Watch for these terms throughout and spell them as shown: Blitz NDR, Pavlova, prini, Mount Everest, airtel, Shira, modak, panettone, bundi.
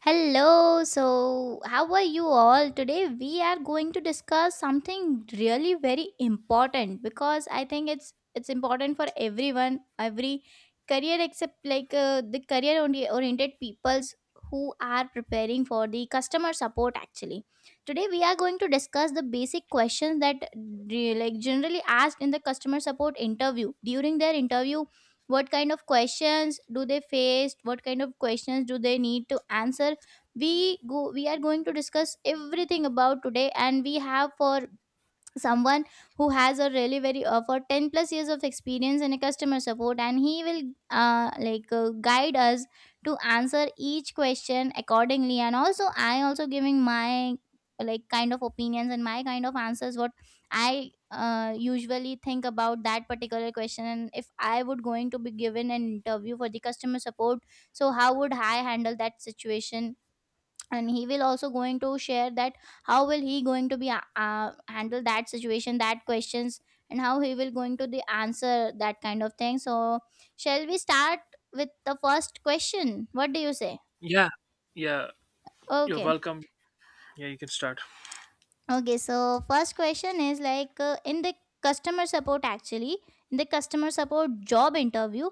Hello, so how are you all? Today we are going to discuss something really very important because I think it's important for everyone, every career except like the oriented peoples who are preparing for the customer support actually. Today we are going to discuss the basic questions that like generally asked in the customer support interview during their interview, what kind of questions do they face, what kind of questions do they need to answer. We are going to discuss everything about today, and we have for someone who has a really very for 10 plus years of experience in a customer support, and he will guide us to answer each question accordingly, and also I also giving my like kind of opinions and my kind of answers what I usually think about that particular question, and if I would going to be given an interview for the customer support, so how would I handle that situation. And he will also going to share that how will he going to be handle that situation, that questions, and how he will going to the answer that kind of thing. So shall we start with the first question, what do you say? Yeah, yeah, you're Okay. welcome. Yeah, you can start. Okay, so first question is like in the customer support actually, in the customer support job interview,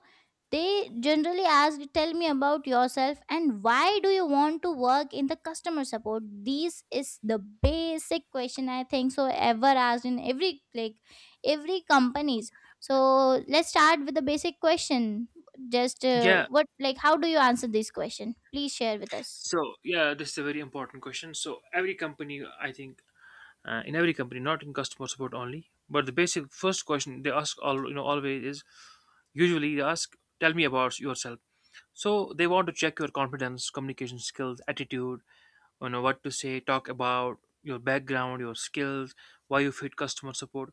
they generally ask, "Tell me about yourself and why do you want to work in the customer support." This is the basic question I think so ever asked in every like every companies. So let's start with the basic question. Just Yeah, what like how do you answer this question, please share with us. so yeah, this is a very important question. So every company, I think, in every company, not in customer support only, but the basic first question they ask all you know always is usually they ask, "Tell me about yourself." So they want to check your confidence, communication skills, attitude, you know what to say, talk about your background, your skills, why you fit customer support.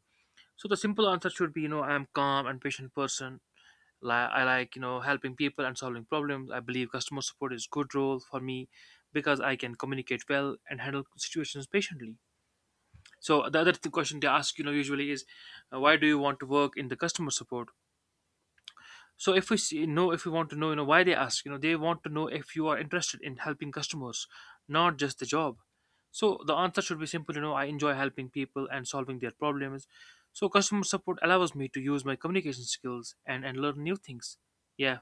So the simple answer should be, you know, I am calm and patient person. I like, you know, helping people and solving problems. I believe customer support is good role for me because I can communicate well and handle situations patiently. So the other question they ask, you know, usually is, why do you want to work in the customer support? So if we see, know if we want to know, you know, why they ask, you know, they want to know if you are interested in helping customers, not just the job. So the answer should be simple, you know, I enjoy helping people and solving their problems. So customer support allows me to use my communication skills and learn new things. Yeah.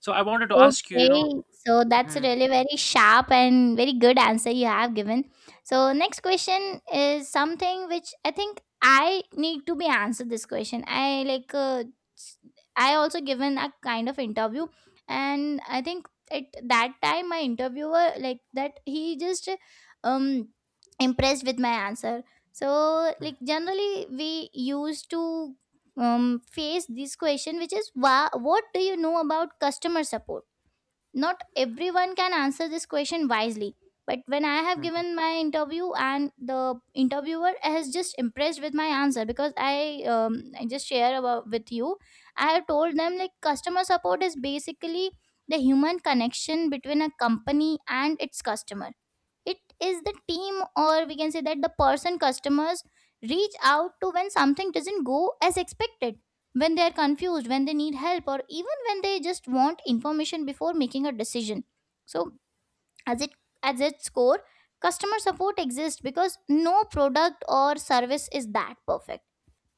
So I wanted to ask you, you know, Okay, so that's a Mhm, really very sharp and very good answer you have given. So next question is something which I think I need to be answered this question. I like s- I also given a kind of interview, and I think at that time my interviewer like that he just um impressed with my answer. So mhm, like generally we used to face this question which is, what do you know about customer support? Not everyone can answer this question wisely, but when I have mhm. given my interview and the interviewer has just impressed with my answer, because I just share about with you. I have told them, like, customer support is basically the human connection between a company and its customer. It is the team, or we can say that the person customers reach out to when something doesn't go as expected, when they are confused, when they need help, or even when they just want information before making a decision. So as it, as its core, customer support exists because no product or service is that perfect.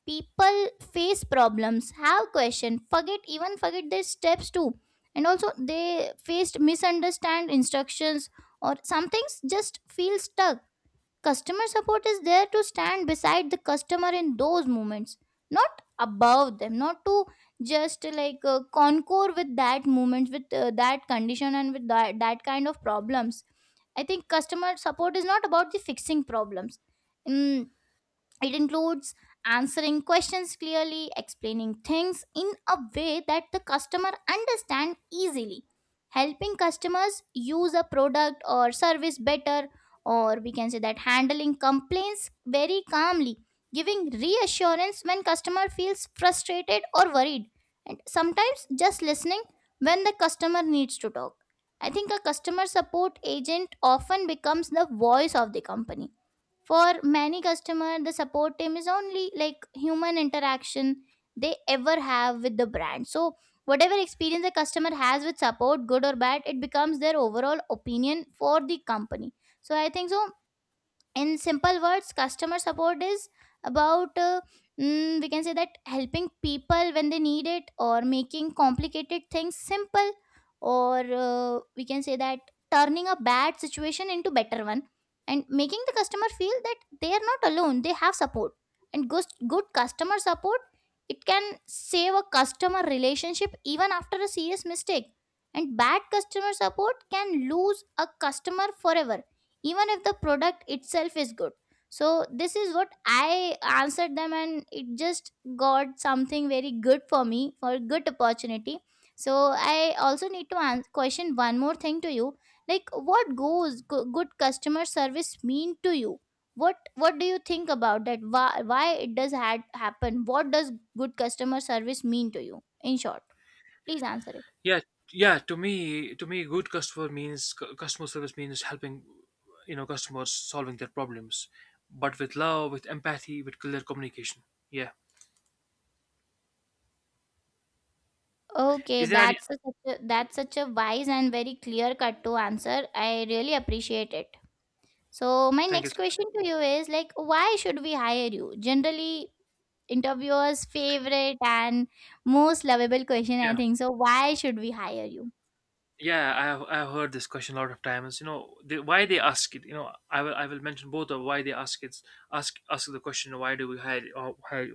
People face problems, have question, forget their steps too, and also they faced misunderstand instructions, or some things just feel stuck. Customer support is there to stand beside the customer in those moments, not above them, not to just like concur with that moment, with that condition, and with that kind of problems. I think customer support is not about the fixing problems. Mm, it includes answering questions clearly, explaining things in a way that the customer understand easily, helping customers use a product or service better, or we can say that handling complaints very calmly, giving reassurance when customer feels frustrated or worried, and sometimes just listening when the customer needs to talk. I think a customer support agent often becomes the voice of the company. For many customer, the support team is only like human interaction they ever have with the brand. So whatever experience the customer has with support, good or bad, it becomes their overall opinion for the company. So I think so, in simple words, customer support is about we can say that helping people when they need it, or making complicated things simple, or we can say that turning a bad situation into better one, and making the customer feel that they are not alone, they have support. And good customer support, it can save a customer relationship even after a serious mistake, and bad customer support can lose a customer forever, even if the product itself is good. So this is what I answered them, and it just got something very good for me for a good opportunity. So I also need to answer, question one more thing to you, like what good customer service mean to you? What do you think about that? Why it does had happen, what does good customer service mean to you in short? Please answer it. Yeah, yeah. To me, good customer means customer service means helping, you know, customers solving their problems, but with love, with empathy, with clear communication. Yeah. Okay, Is there any? that's a, such a that's such a wise and very clear cut to answer. I really appreciate it. So my Thank you next so much. question to you is like, why should we hire you? Generally, interviewers' favorite and most lovable question, I Yeah. think. So why should we hire you? Yeah, I have, I've heard this question a lot of times. You know why they ask it, you know, I will mention both of why they ask it. Ask the question, why do we hire, or why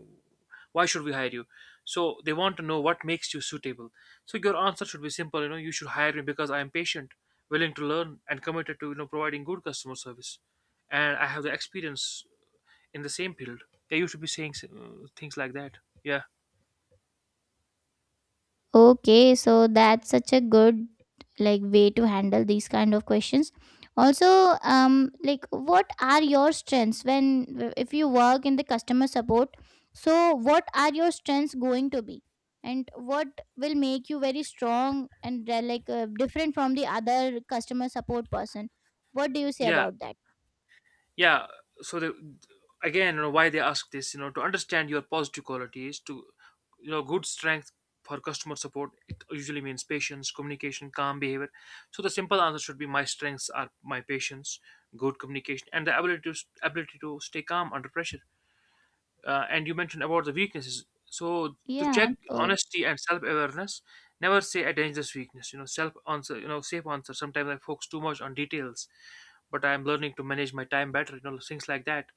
why should we hire you? So they want to know what makes you suitable. So your answer should be simple, you know, you should hire me because I am patient, willing to learn, and committed to, you know, providing good customer service. And I have the experience in the same field. They used to be saying things like that. Yeah. Okay, so that's such a good like way to handle these kind of questions. Also, like what are your strengths when if you work in the customer support? So what are your strengths going to be, and what will make you very strong and different from the other customer support person? What do you say Yeah. about that? Yeah, so the, again, you know, why they ask this, you know, to understand your positive qualities, to, you know, good strength for customer support. It usually means patience, communication, calm behavior. So the simple answer should be, my strengths are my patience, good communication, and the ability to stay calm under pressure. And you mentioned about the weaknesses. So to Yeah, check uh, honesty and self-awareness, never say a dangerous weakness. You know, self answer. You know, safe answer. Sometimes I focus too much on details, but I am learning to manage my time better. You know, things like that.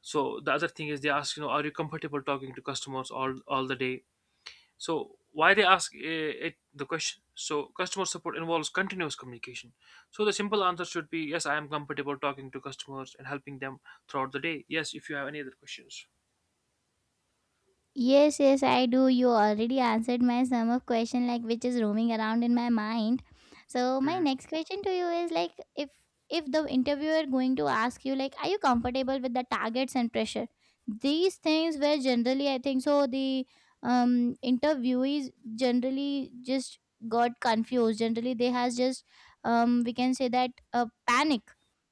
So the other thing is they ask, you know, are you comfortable talking to customers all the day? So why they ask, it the question? So customer support involves continuous communication. So the simple answer should be yes, I am comfortable talking to customers and helping them throughout the day. Yes, if you have any other questions. yes, yes, I do. You already answered my sum of question like which is roaming around in my mind. So my Hmm. next question to you is like, if the interviewer going to ask you like, are you comfortable with the targets and pressure? These things were generally I think so the interviewees generally just got confused. Generally they has just we can say that panic.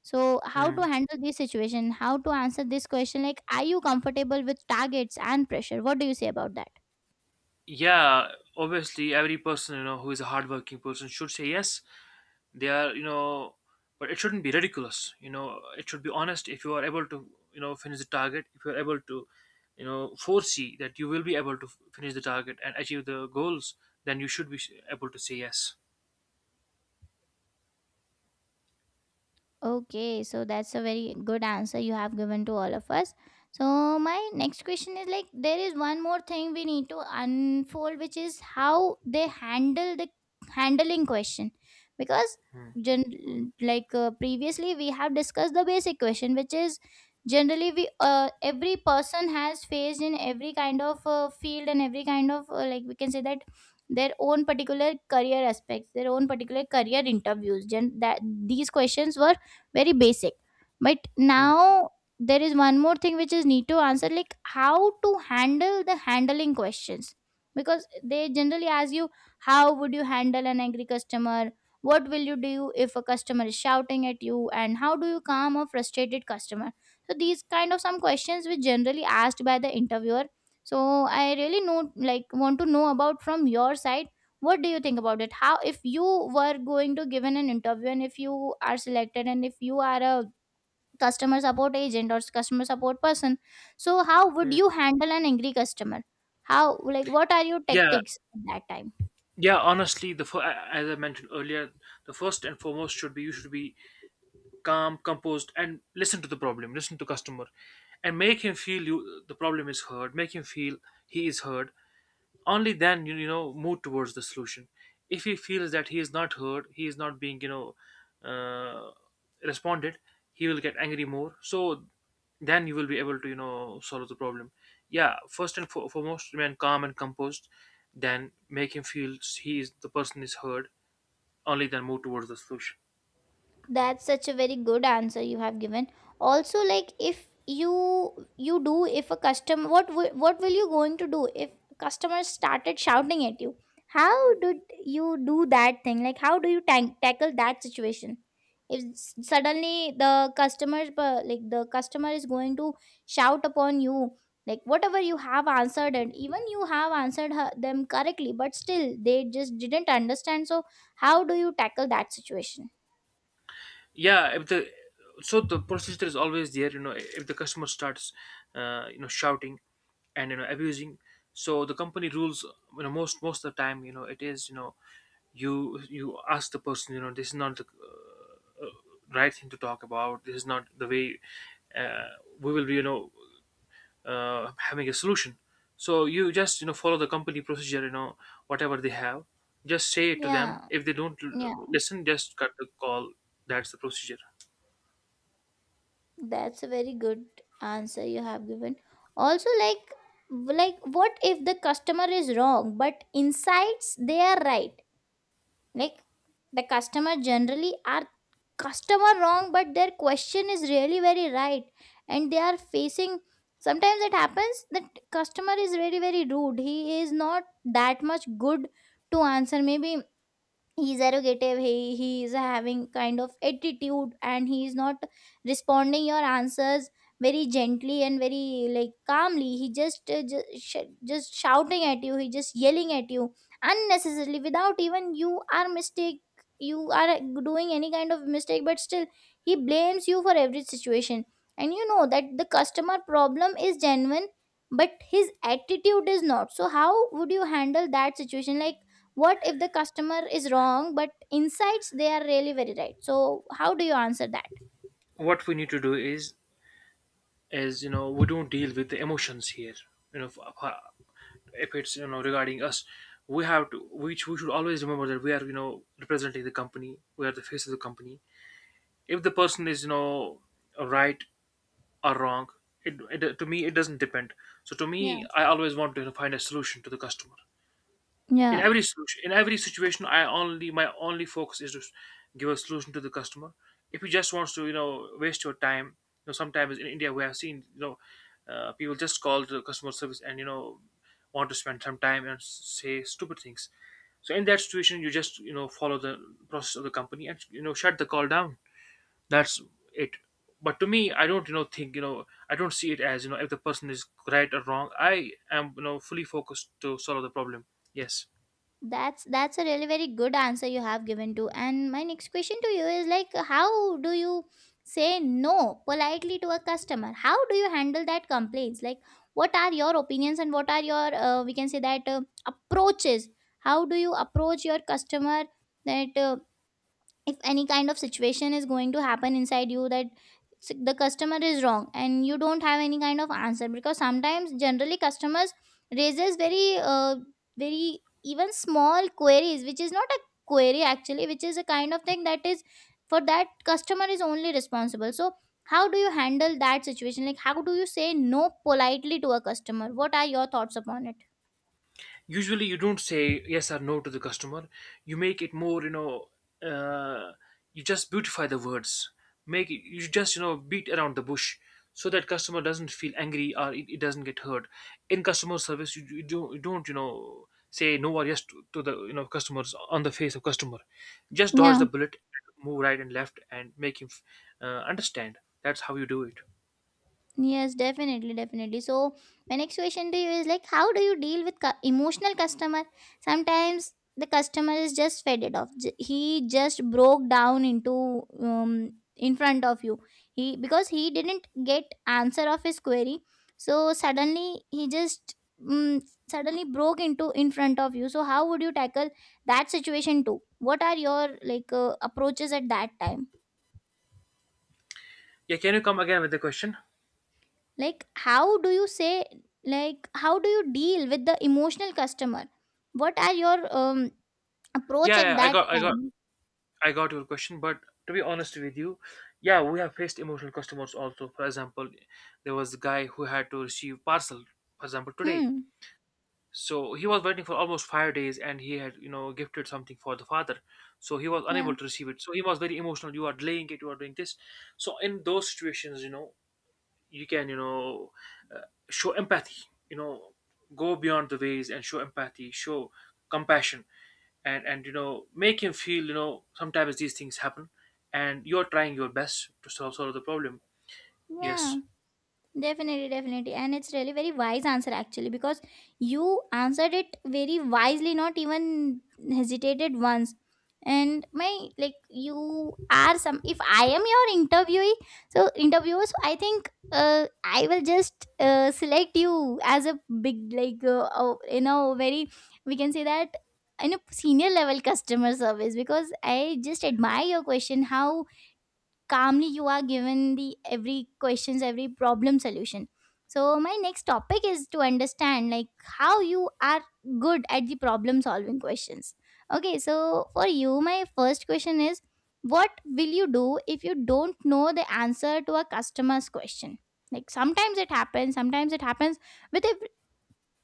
So how to Hmm. handle this situation? How to answer this question? Like, are you comfortable with targets and pressure? What do you say about that? Yeah, obviously every person, you know, who is a hardworking person should say yes they are, you know, but it shouldn't be ridiculous, you know, it should be honest. If you are able to, you know, finish the target, if you are able to, you know, foresee that you will be able to finish the target and achieve the goals, then you should be able to say yes. Okay, so that's a very good answer you have given to all of us. So my next question is like, there is one more thing we need to unfold, which is how they handle the handling question, because Hmm, previously we have discussed the basic question which is generally we every person has faced in every kind of field and every kind of like we can say that their own particular career aspects, their own particular career interviews, that these questions were very basic. But hmm, now there is one more thing which is need to answer, like how to handle the handling questions. Because they generally ask you, how would you handle an angry customer? What will you do if a customer is shouting at you? And how do you calm a frustrated customer? So these kind of some questions which generally asked by the interviewer. So I really know like want to know about from your side, what do you think about it? How, if you were going to give in an interview and if you are selected and if you are a customer support agent or customer support person, so how would hmm. you handle an angry customer? How, like, what are your Yeah. tactics at that time? Yeah, honestly, the as I mentioned earlier, the first and foremost should be, you should be calm, composed, and listen to the problem, listen to customer, and make him feel you the problem is heard, make him feel he is heard. Only then you know, move towards the solution. If he feels that he is not heard, he is not being, you know, uh, responded, he will get angry more. So then you will be able to, you know, solve the problem. Yeah, first and foremost remain calm and composed. Then make him feel he is the person is heard. Only then move towards the solution. That's such a very good answer you have given. Also, like, if you do, if a customer, what what will you going to do if customers started shouting at you? How did you do that thing, like how do you tackle that situation? If suddenly the like the customer is going to shout upon you, like whatever you have answered and even you have answered her, them correctly, but still they just didn't understand, so how do you tackle that situation? Yeah, if the, so the procedure is always there, you know, if the customer starts, you know, shouting and, you know, abusing. So the company rules, you know, most of the time, you know, it is, you know, you ask the person, you know, this is not the right thing to talk about. This is not the way, uh, we will be, you know, having a solution. So you just, you know, follow the company procedure, you know, whatever they have, just say it to them. Yeah. If they don't Yeah, listen, just cut the call. That's the procedure. that's a very good answer you have given. Also, like what if the customer is wrong, but insights they are right? Like, the customer generally are customer wrong, but their question is really very right, and they are facing. Sometimes it happens that customer is really very rude. He is not that much good to answer. Maybe he's arrogative. He is having kind of attitude, and he is not responding your answers very gently and very, like, calmly. He just just shouting at you, he just yelling at you unnecessarily without even you are mistake, you are doing any kind of mistake, but still he blames you for every situation. And you know that the customer problem is genuine, but his attitude is not. So how would you handle that situation? Like, what if the customer is wrong but insights they are really very right? So how do you answer that? What we need to do is, you know, we don't deal with the emotions here. You know, if it's, you know, regarding us, we have to, which we should always remember that we are, you know, representing the company, we are the face of the company. If the person is, you know, right or wrong, it, to me, it doesn't depend. So to Yeah, me, I always want to, you know, find a solution to the customer. In yeah, every solution, in every situation, I only my only focus is to give a solution to the customer. If he just wants to, you know, waste your time, you know, sometimes in India we have seen, you know, people just call to the customer service and, you know, want to spend some time and say stupid things. So in that situation, you just, you know, follow the process of the company and, you know, shut the call down. That's it. But to me, I don't, you know, think, you know, I don't see it as, you know, if the person is right or wrong, I am, you know, fully focused to solve the problem. Yes. that's a really very good answer you have given to. And my next question to you is, like, how do you say no politely to a customer? How do you handle that complaints? Like, what are your opinions, and what are your we can say that approaches? How do you approach your customer that if any kind of situation is going to happen inside you, that the customer is wrong and you don't have any kind of answer? Because sometimes generally customers raises very, uh, very, even small queries which is not a query actually, which is a kind of thing that is for that customer is only responsible. So how do you handle that situation? Like, how do you say no politely to a customer? What are your thoughts upon it? Usually you don't say yes or no to the customer. You make it more, you know, uh, you just beautify the words, make it, you just, you know, beat around the bush, so that customer doesn't feel angry or it doesn't get hurt. In customer service, you don't, you know, say no or yes to the, you know, customers on the face of customer. Just dodge Yeah. the bullet, move right and left and make him understand. That's how you do it. Yes, definitely, definitely. So my next question to you is, like, how do you deal with emotional customer? Sometimes the customer is just faded off. He just broke down into in front of you. He, because he didn't get answer of his query, so suddenly he just um, suddenly broke into in front of you. So how would you tackle that situation too? What are your, like, approaches at that time? Yeah, can you come again with the question? Like, how do you say, like, how do you deal with the emotional customer? What are your approach Yeah, at yeah, i that got i got time? I got your question, but to be honest with you, yeah, we have faced emotional customers also. For example, there was a guy who had to receive parcel, for example, today. Hmm. So he was waiting for almost 5 days and he had, you know, gifted something for the father. So he was Yeah, unable to receive it. So he was very emotional. You are delaying it, you are doing this. So in those situations, you know, you can, you know, uh, show empathy, you know, go beyond the ways and show empathy, show compassion, and you know, make him feel, you know, sometimes these things happen and you're trying your best to solve the problem. yeah. Yes. Definitely, definitely. And it's really very wise answer actually, because you answered it very wisely, not even hesitated once. And my, like, you are some, if I am your interviewee, so interviewer, so I think I will just select you as a big, like, you know, very, we can say that, in a senior level customer service, because I just admire your question how calmly you are given the every questions, every problem solution. So my next topic is to understand, like, how you are good at the problem solving questions. Okay, so for you, my first question is, what will you do if you don't know the answer to a customer's question? Like, sometimes it happens, sometimes it happens with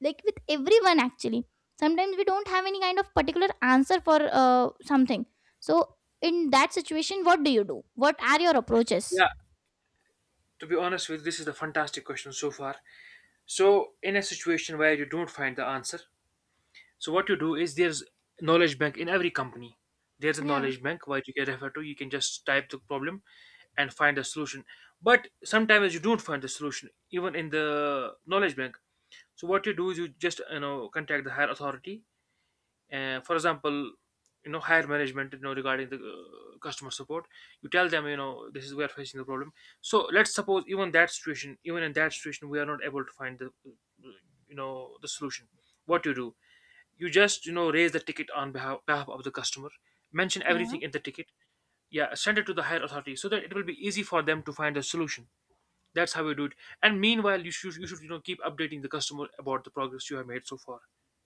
like with everyone actually. Sometimes we don't have any kind of particular answer for something. So in that situation, what do you do? What are your approaches? Yeah, to be honest with you, this is a fantastic question so far. So in a situation where you don't find the answer, so what you do is, there's knowledge bank in every company. There's a Yeah, knowledge bank where you can refer to, you can just type the problem and find a solution. But sometimes you don't find the solution even in the knowledge bank. So what you do is, you just, you know, contact the higher authority, for example, you know, higher management, you know, regarding the, customer support. You tell them, you know, this is, we are facing the problem. So let's suppose even that situation, even in that situation, we are not able to find the, you know, the solution. What you do, you just, you know, raise the ticket on behalf of the customer, mention yeah. everything in the ticket. Yeah, send it to the higher authority so that it will be easy for them to find a solution. That's how you do it. And meanwhile, you should, you know, keep updating the customer about the progress you have made so far.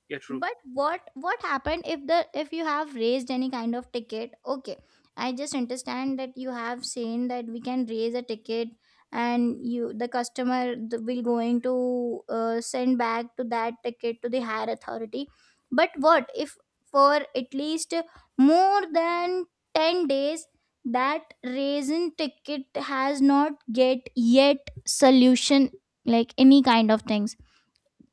Yeah, true. But what happened if the, if you have raised any kind of ticket, okay? I just understand that you have seen that we can raise a ticket and you, the customer, the, will going to send back to that ticket to the higher authority. But what if for at least more than 10 days that raising ticket has not get yet solution, like any kind of things,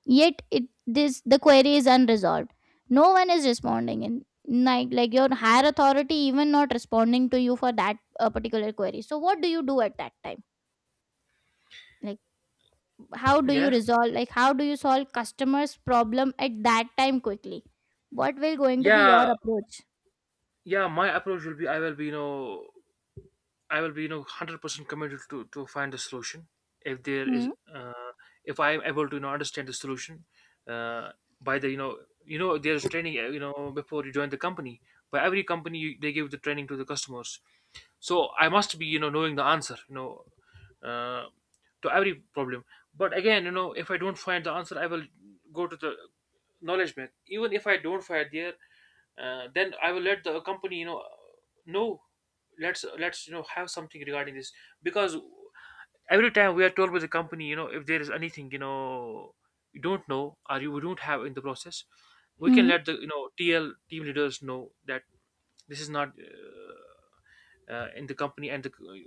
yet it, this, the query is unresolved, no one is responding, and, like your higher authority even not responding to you for that particular query. So what do you do at that time? Like, how do you Yeah. resolve, like, how do you solve customers problem at that time quickly? What will going to be your Yeah. approach? Yeah, my approach will be, I will be, you know, I will be, you know, 100% committed to find a solution. If there is, Hmm, if I am able to, you know, understand the solution, uh, by the, you know, you know, there's training, you know, before you join the company, by every company they give the training to the customers. So I must be, you know, knowing the answer, you know, uh, to every problem. But again, you know, if I don't find the answer, I will go to the knowledge bank. Even if I don't find there, then I will let the company know. Let's have something regarding this, because every time we are told by the company, if there is anything, you don't know or you don't have in the process, we can hmm, let the TL team leaders know that this is not in the company and the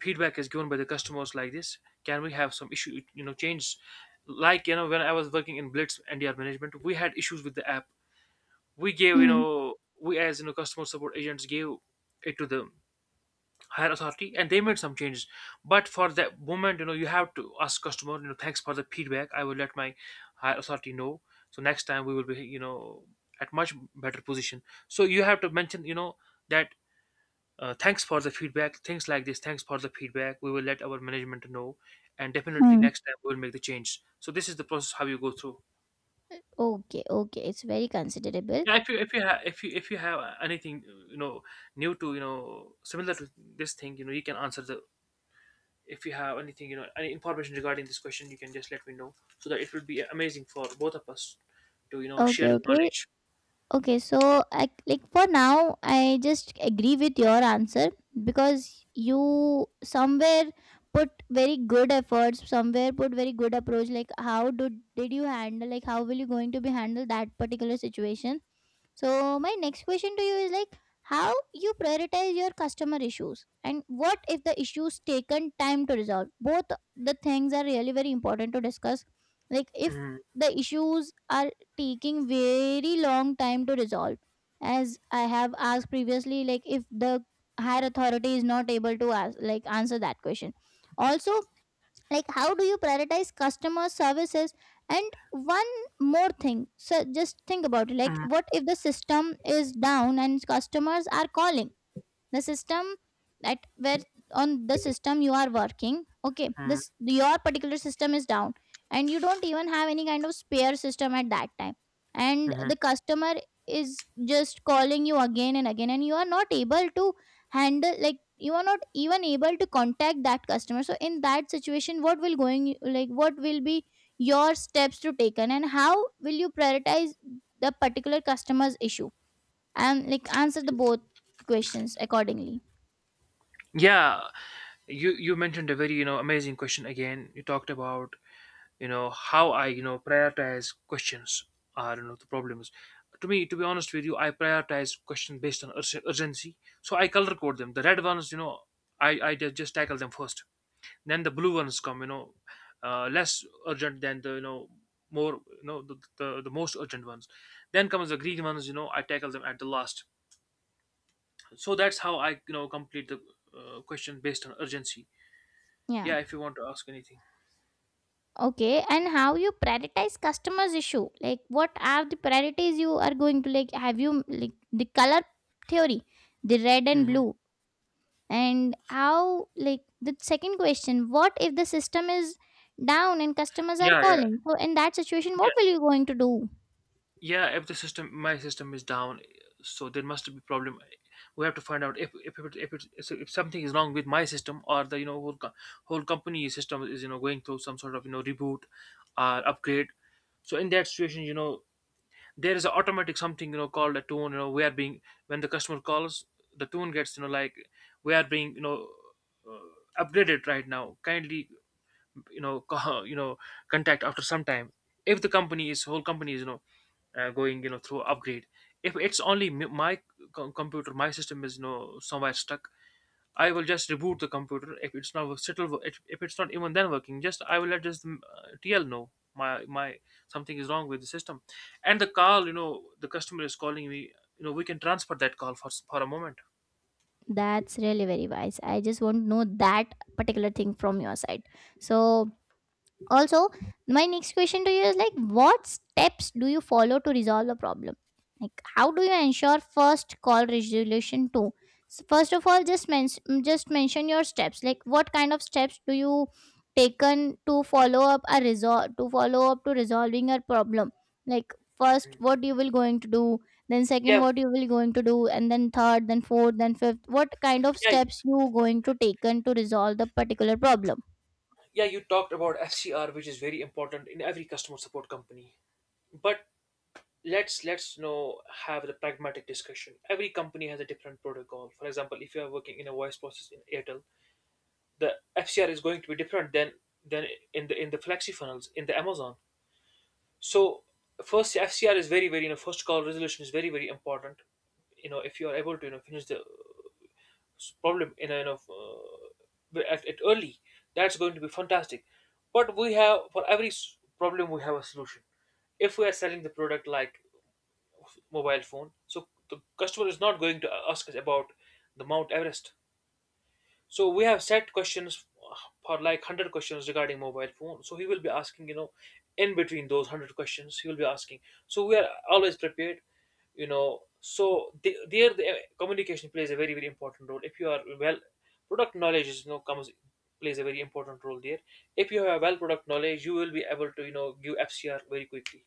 feedback is given by the customers like this. Can we have some issue, changes? Like when I was working in Blitz NDR management, we had issues with the app. We gave, hmm, we as customer support agents, gave it to the higher authority, and they made some changes. But for that moment, you have to ask customer, thanks for the feedback, I will let my higher authority know, so next time we will be, at much better position. So you have to mention, that thanks for the feedback, things like this, thanks for the feedback, we will let our management know, and definitely hmm. next time we will make the change. So this is the process how you go through. Okay, okay, it's very considerable. Yeah, if you if you have anything, you know new to, similar to this thing, you can answer the, if you have anything, any information regarding this question, you can just let me know, so that it will be amazing for both of us to, share Okay, the okay. knowledge. Okay, so I, like, for now, I just agree with your answer, because you somewhere put very good efforts, somewhere put very good approach. Like, how do did you handle? Like, how will you going to be handle that particular situation? So my next question to you is, like, how you prioritize your customer issues, and what if the issues taken time to resolve? Both the things are really very important to discuss. Like, if Mhm, the issues are taking very long time to resolve, as I have asked previously, like, if the higher authority is not able to ask, like, answer that question also. Like, how do you prioritize customer services? And one more thing, so just think about it, like, mhm, what if the system is down and customers are calling? The system that where, on the system you are working, okay, mhm, this, your particular system is down, and you don't even have any kind of spare system at that time, and mhm. the customer is just calling you again and again, and you are not able to handle, like, you are not even able to contact that customer. So in that situation, what will going, like, what will be your steps to taken, and how will you prioritize the particular customer's issue? And, like, answer the both questions accordingly. Yeah, you mentioned a very, amazing question again. You talked about, how I, prioritize questions, are you know the problems. To me, to be honest with you, I prioritize questions based on urgency. So I color code them: the red ones, I just tackle them first. Then the blue ones come, less urgent than the, more, the most urgent ones. Then comes the green ones, I tackle them at the last. So that's how I, complete the question based on urgency. Yeah. Yeah, if you want to ask anything. Okay. And how you prioritize customers issue? Like, what are the priorities you are going to, like, have you, like, the color theory, the red and Hmm. blue? And how, like, the second question, what if the system is down and customers are Yeah, calling? So in that situation, yeah, what will you going to do? yeah. If the system my system is down, so there must be problem. We have to find out if it's, if something is wrong with my system or the, whole company system is, going through some sort of, reboot or upgrade. So in that situation, there is an automatic something, called a tone, we are being, when the customer calls, the tone gets, like, we are being, upgraded right now, kindly, you know co- you know contact after some time, if the company is, whole company is, going, through upgrade. If it's only my computer, my system is, somewhere stuck, I will just reboot the computer. If it's not still, if it's not even then working, just I will let just the TL know, my something is wrong with the system, and the call, the customer is calling me, we can transfer that call for for a moment. That's really very wise. I just want to know that particular thing from your side. So also, my next question to you is, like, what steps do you follow to resolve a problem? Like, how do you ensure first call resolution too? So first of all, just just mention your steps. Like, what kind of steps do you taken to follow up a resol, to follow up to resolving a problem? Like, first, what you will going to do? Then second, Yeah, what you will going to do? And then third, then fourth, then fifth. What kind of yeah, steps you going to taken to resolve the particular problem? yeah, you talked about FCR, which is very important in every customer support company. But let's know, have the pragmatic discussion. Every company has a different protocol. For example, if you are working in a voice process in Airtel, the FCR is going to be different than, in the, in the flexi funnels, in the Amazon. So first, FCR is very, very, first call resolution is very, very important. If you are able to, finish the problem in a, at early, that's going to be fantastic. But we have, for every problem we have a solution. If we are selling the product like mobile phone, so the customer is not going to ask us about the Mount Everest. So we have set questions uh, for like 100 questions regarding mobile phone. So he will be asking, in between those 100 questions, he will be asking. So we are always prepared, So the communication plays a very, very important role. If you are well, product knowledge is, comes plays a very important role there. If you have a well product knowledge, you will be able to, give FCR very quickly.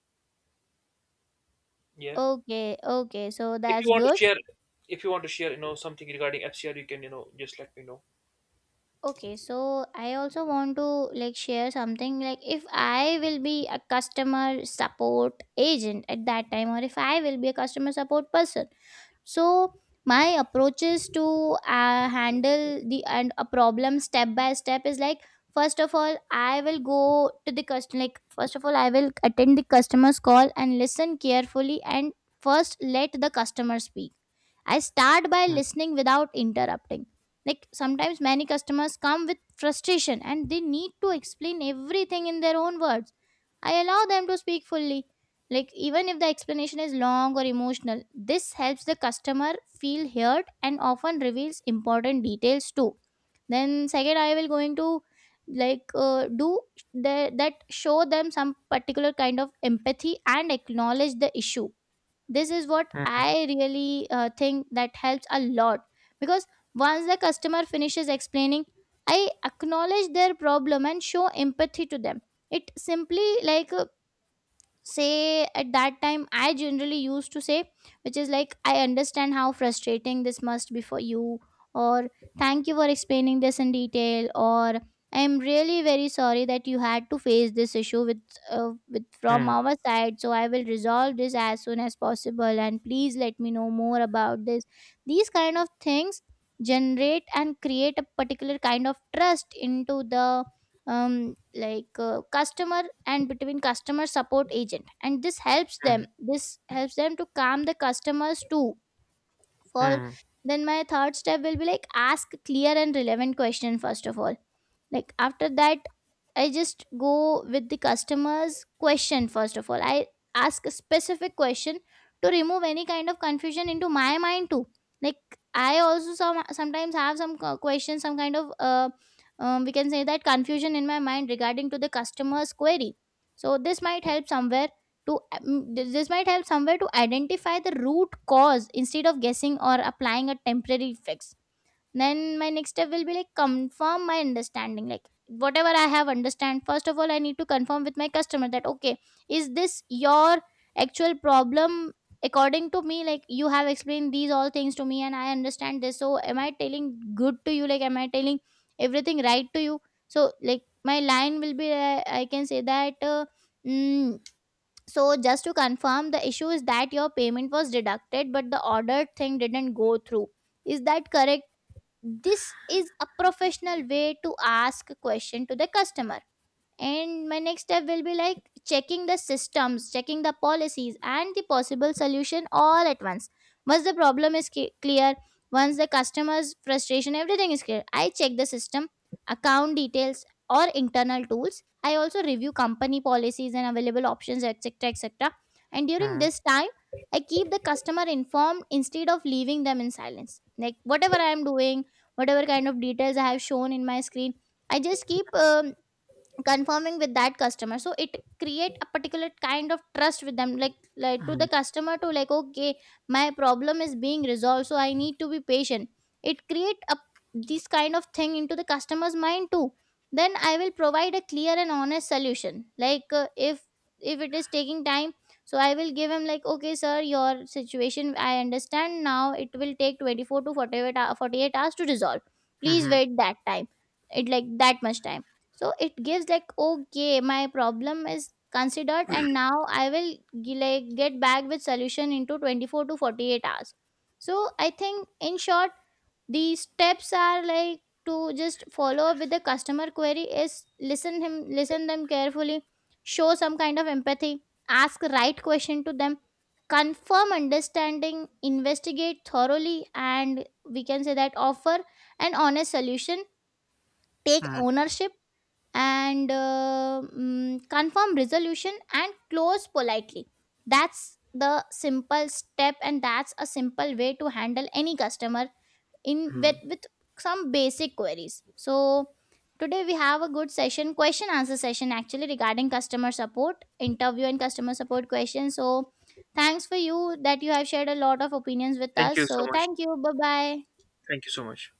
Yeah. Okay, okay, so If you that's want to good. share, if you want to share, something regarding FCR, you can, just let me know. Okay, so I also want to, like, share something, like, if I will be a customer support agent at that time, or if I will be a customer support person. So my approaches to handle the and a problem step by step is, like, first of all, I will go to the customer, like, first of all, I will attend the customer's call and listen carefully, and first let the customer speak. I start by Hmm. listening without interrupting. Like, sometimes many customers come with frustration, and they need to explain everything in their own words. I allow them to speak fully, like, even if the explanation is long or emotional. This helps the customer feel heard and often reveals important details too. Then second, I will going to, like, do the, that, show them some particular kind of empathy and acknowledge the issue. This is what Hmm. I really think that helps a lot, because once the customer finishes explaining, I acknowledge their problem and show empathy to them. It simply, like, say, at that time I generally used to say, which is, like, I understand how frustrating this must be for you, or thank you for explaining this in detail, or I'm really very sorry that you had to face this issue with, with, from Hmm. our side, so I will resolve this as soon as possible, and please let me know more about this. These kind of things generate and create a particular kind of trust into the, like, customer and between customer support agent, and this helps Hmm. them, this helps them to calm the customers too. For, Hmm. then my third step will be, like, ask clear and relevant question. First of all, like, after that, I just go with the customer's question. First of all, I ask a specific question to remove any kind of confusion into my mind too. Like, I also sometimes have some questions, some kind of, we can say that, confusion in my mind regarding to the customer's query. So this might help somewhere to this might help somewhere to identify the root cause instead of guessing or applying a temporary fix. Then my next step will be, like, confirm my understanding. Like, whatever I have understand, first of all, I need to confirm with my customer that, okay, is this your actual problem? According to me, like, you have explained these all things to me, and I understand this. So am I telling good to you? Like, am I telling everything right to you? So, like, my line will be, I can say that, mm, so just to confirm, the issue is that your payment was deducted, but the ordered thing didn't go through. Is that correct? This is a professional way to ask a question to the customer. And my next step will be, like, checking the systems, checking the policies, and the possible solution all at once. Once the problem is clear, once the customer's frustration, everything is clear, I check the system, account details, or internal tools. I also review company policies and available options, etc. etc. And during Hmm. this time, I keep the customer informed instead of leaving them in silence. Like, whatever I am doing, whatever kind of details I have shown in my screen, I just keep confirming with that customer, so it create a particular kind of trust with them, like, to the customer to, like, okay, my problem is being resolved, so I need to be patient. It create a, this kind of thing into the customer's mind too. Then I will provide a clear and honest solution. Like, if it is taking time, so I will give him, like, okay, sir, your situation I understand, now it will take 24 to 48 48 hours to resolve, please Hmm. wait that time, it, like, that much time. So it gives, like, okay, my problem is considered, and now I will like, get back with solution into 24 to 48 hours. So I think, in short, the steps are, like, to just follow up with the customer query is, listen him, listen them carefully, show some kind of empathy, ask right question to them, confirm understanding, investigate thoroughly, and, we can say that, offer an honest solution, take Hmm, ownership, and confirm resolution and close politely. That's the simple step, and that's a simple way to handle any customer in hmm. with some basic queries. So today we have a good session, question answer session actually, regarding customer support interview and customer support questions. So thanks for you that you have shared a lot of opinions with Thank us. you so So much. thank you, bye bye. Thank you so much.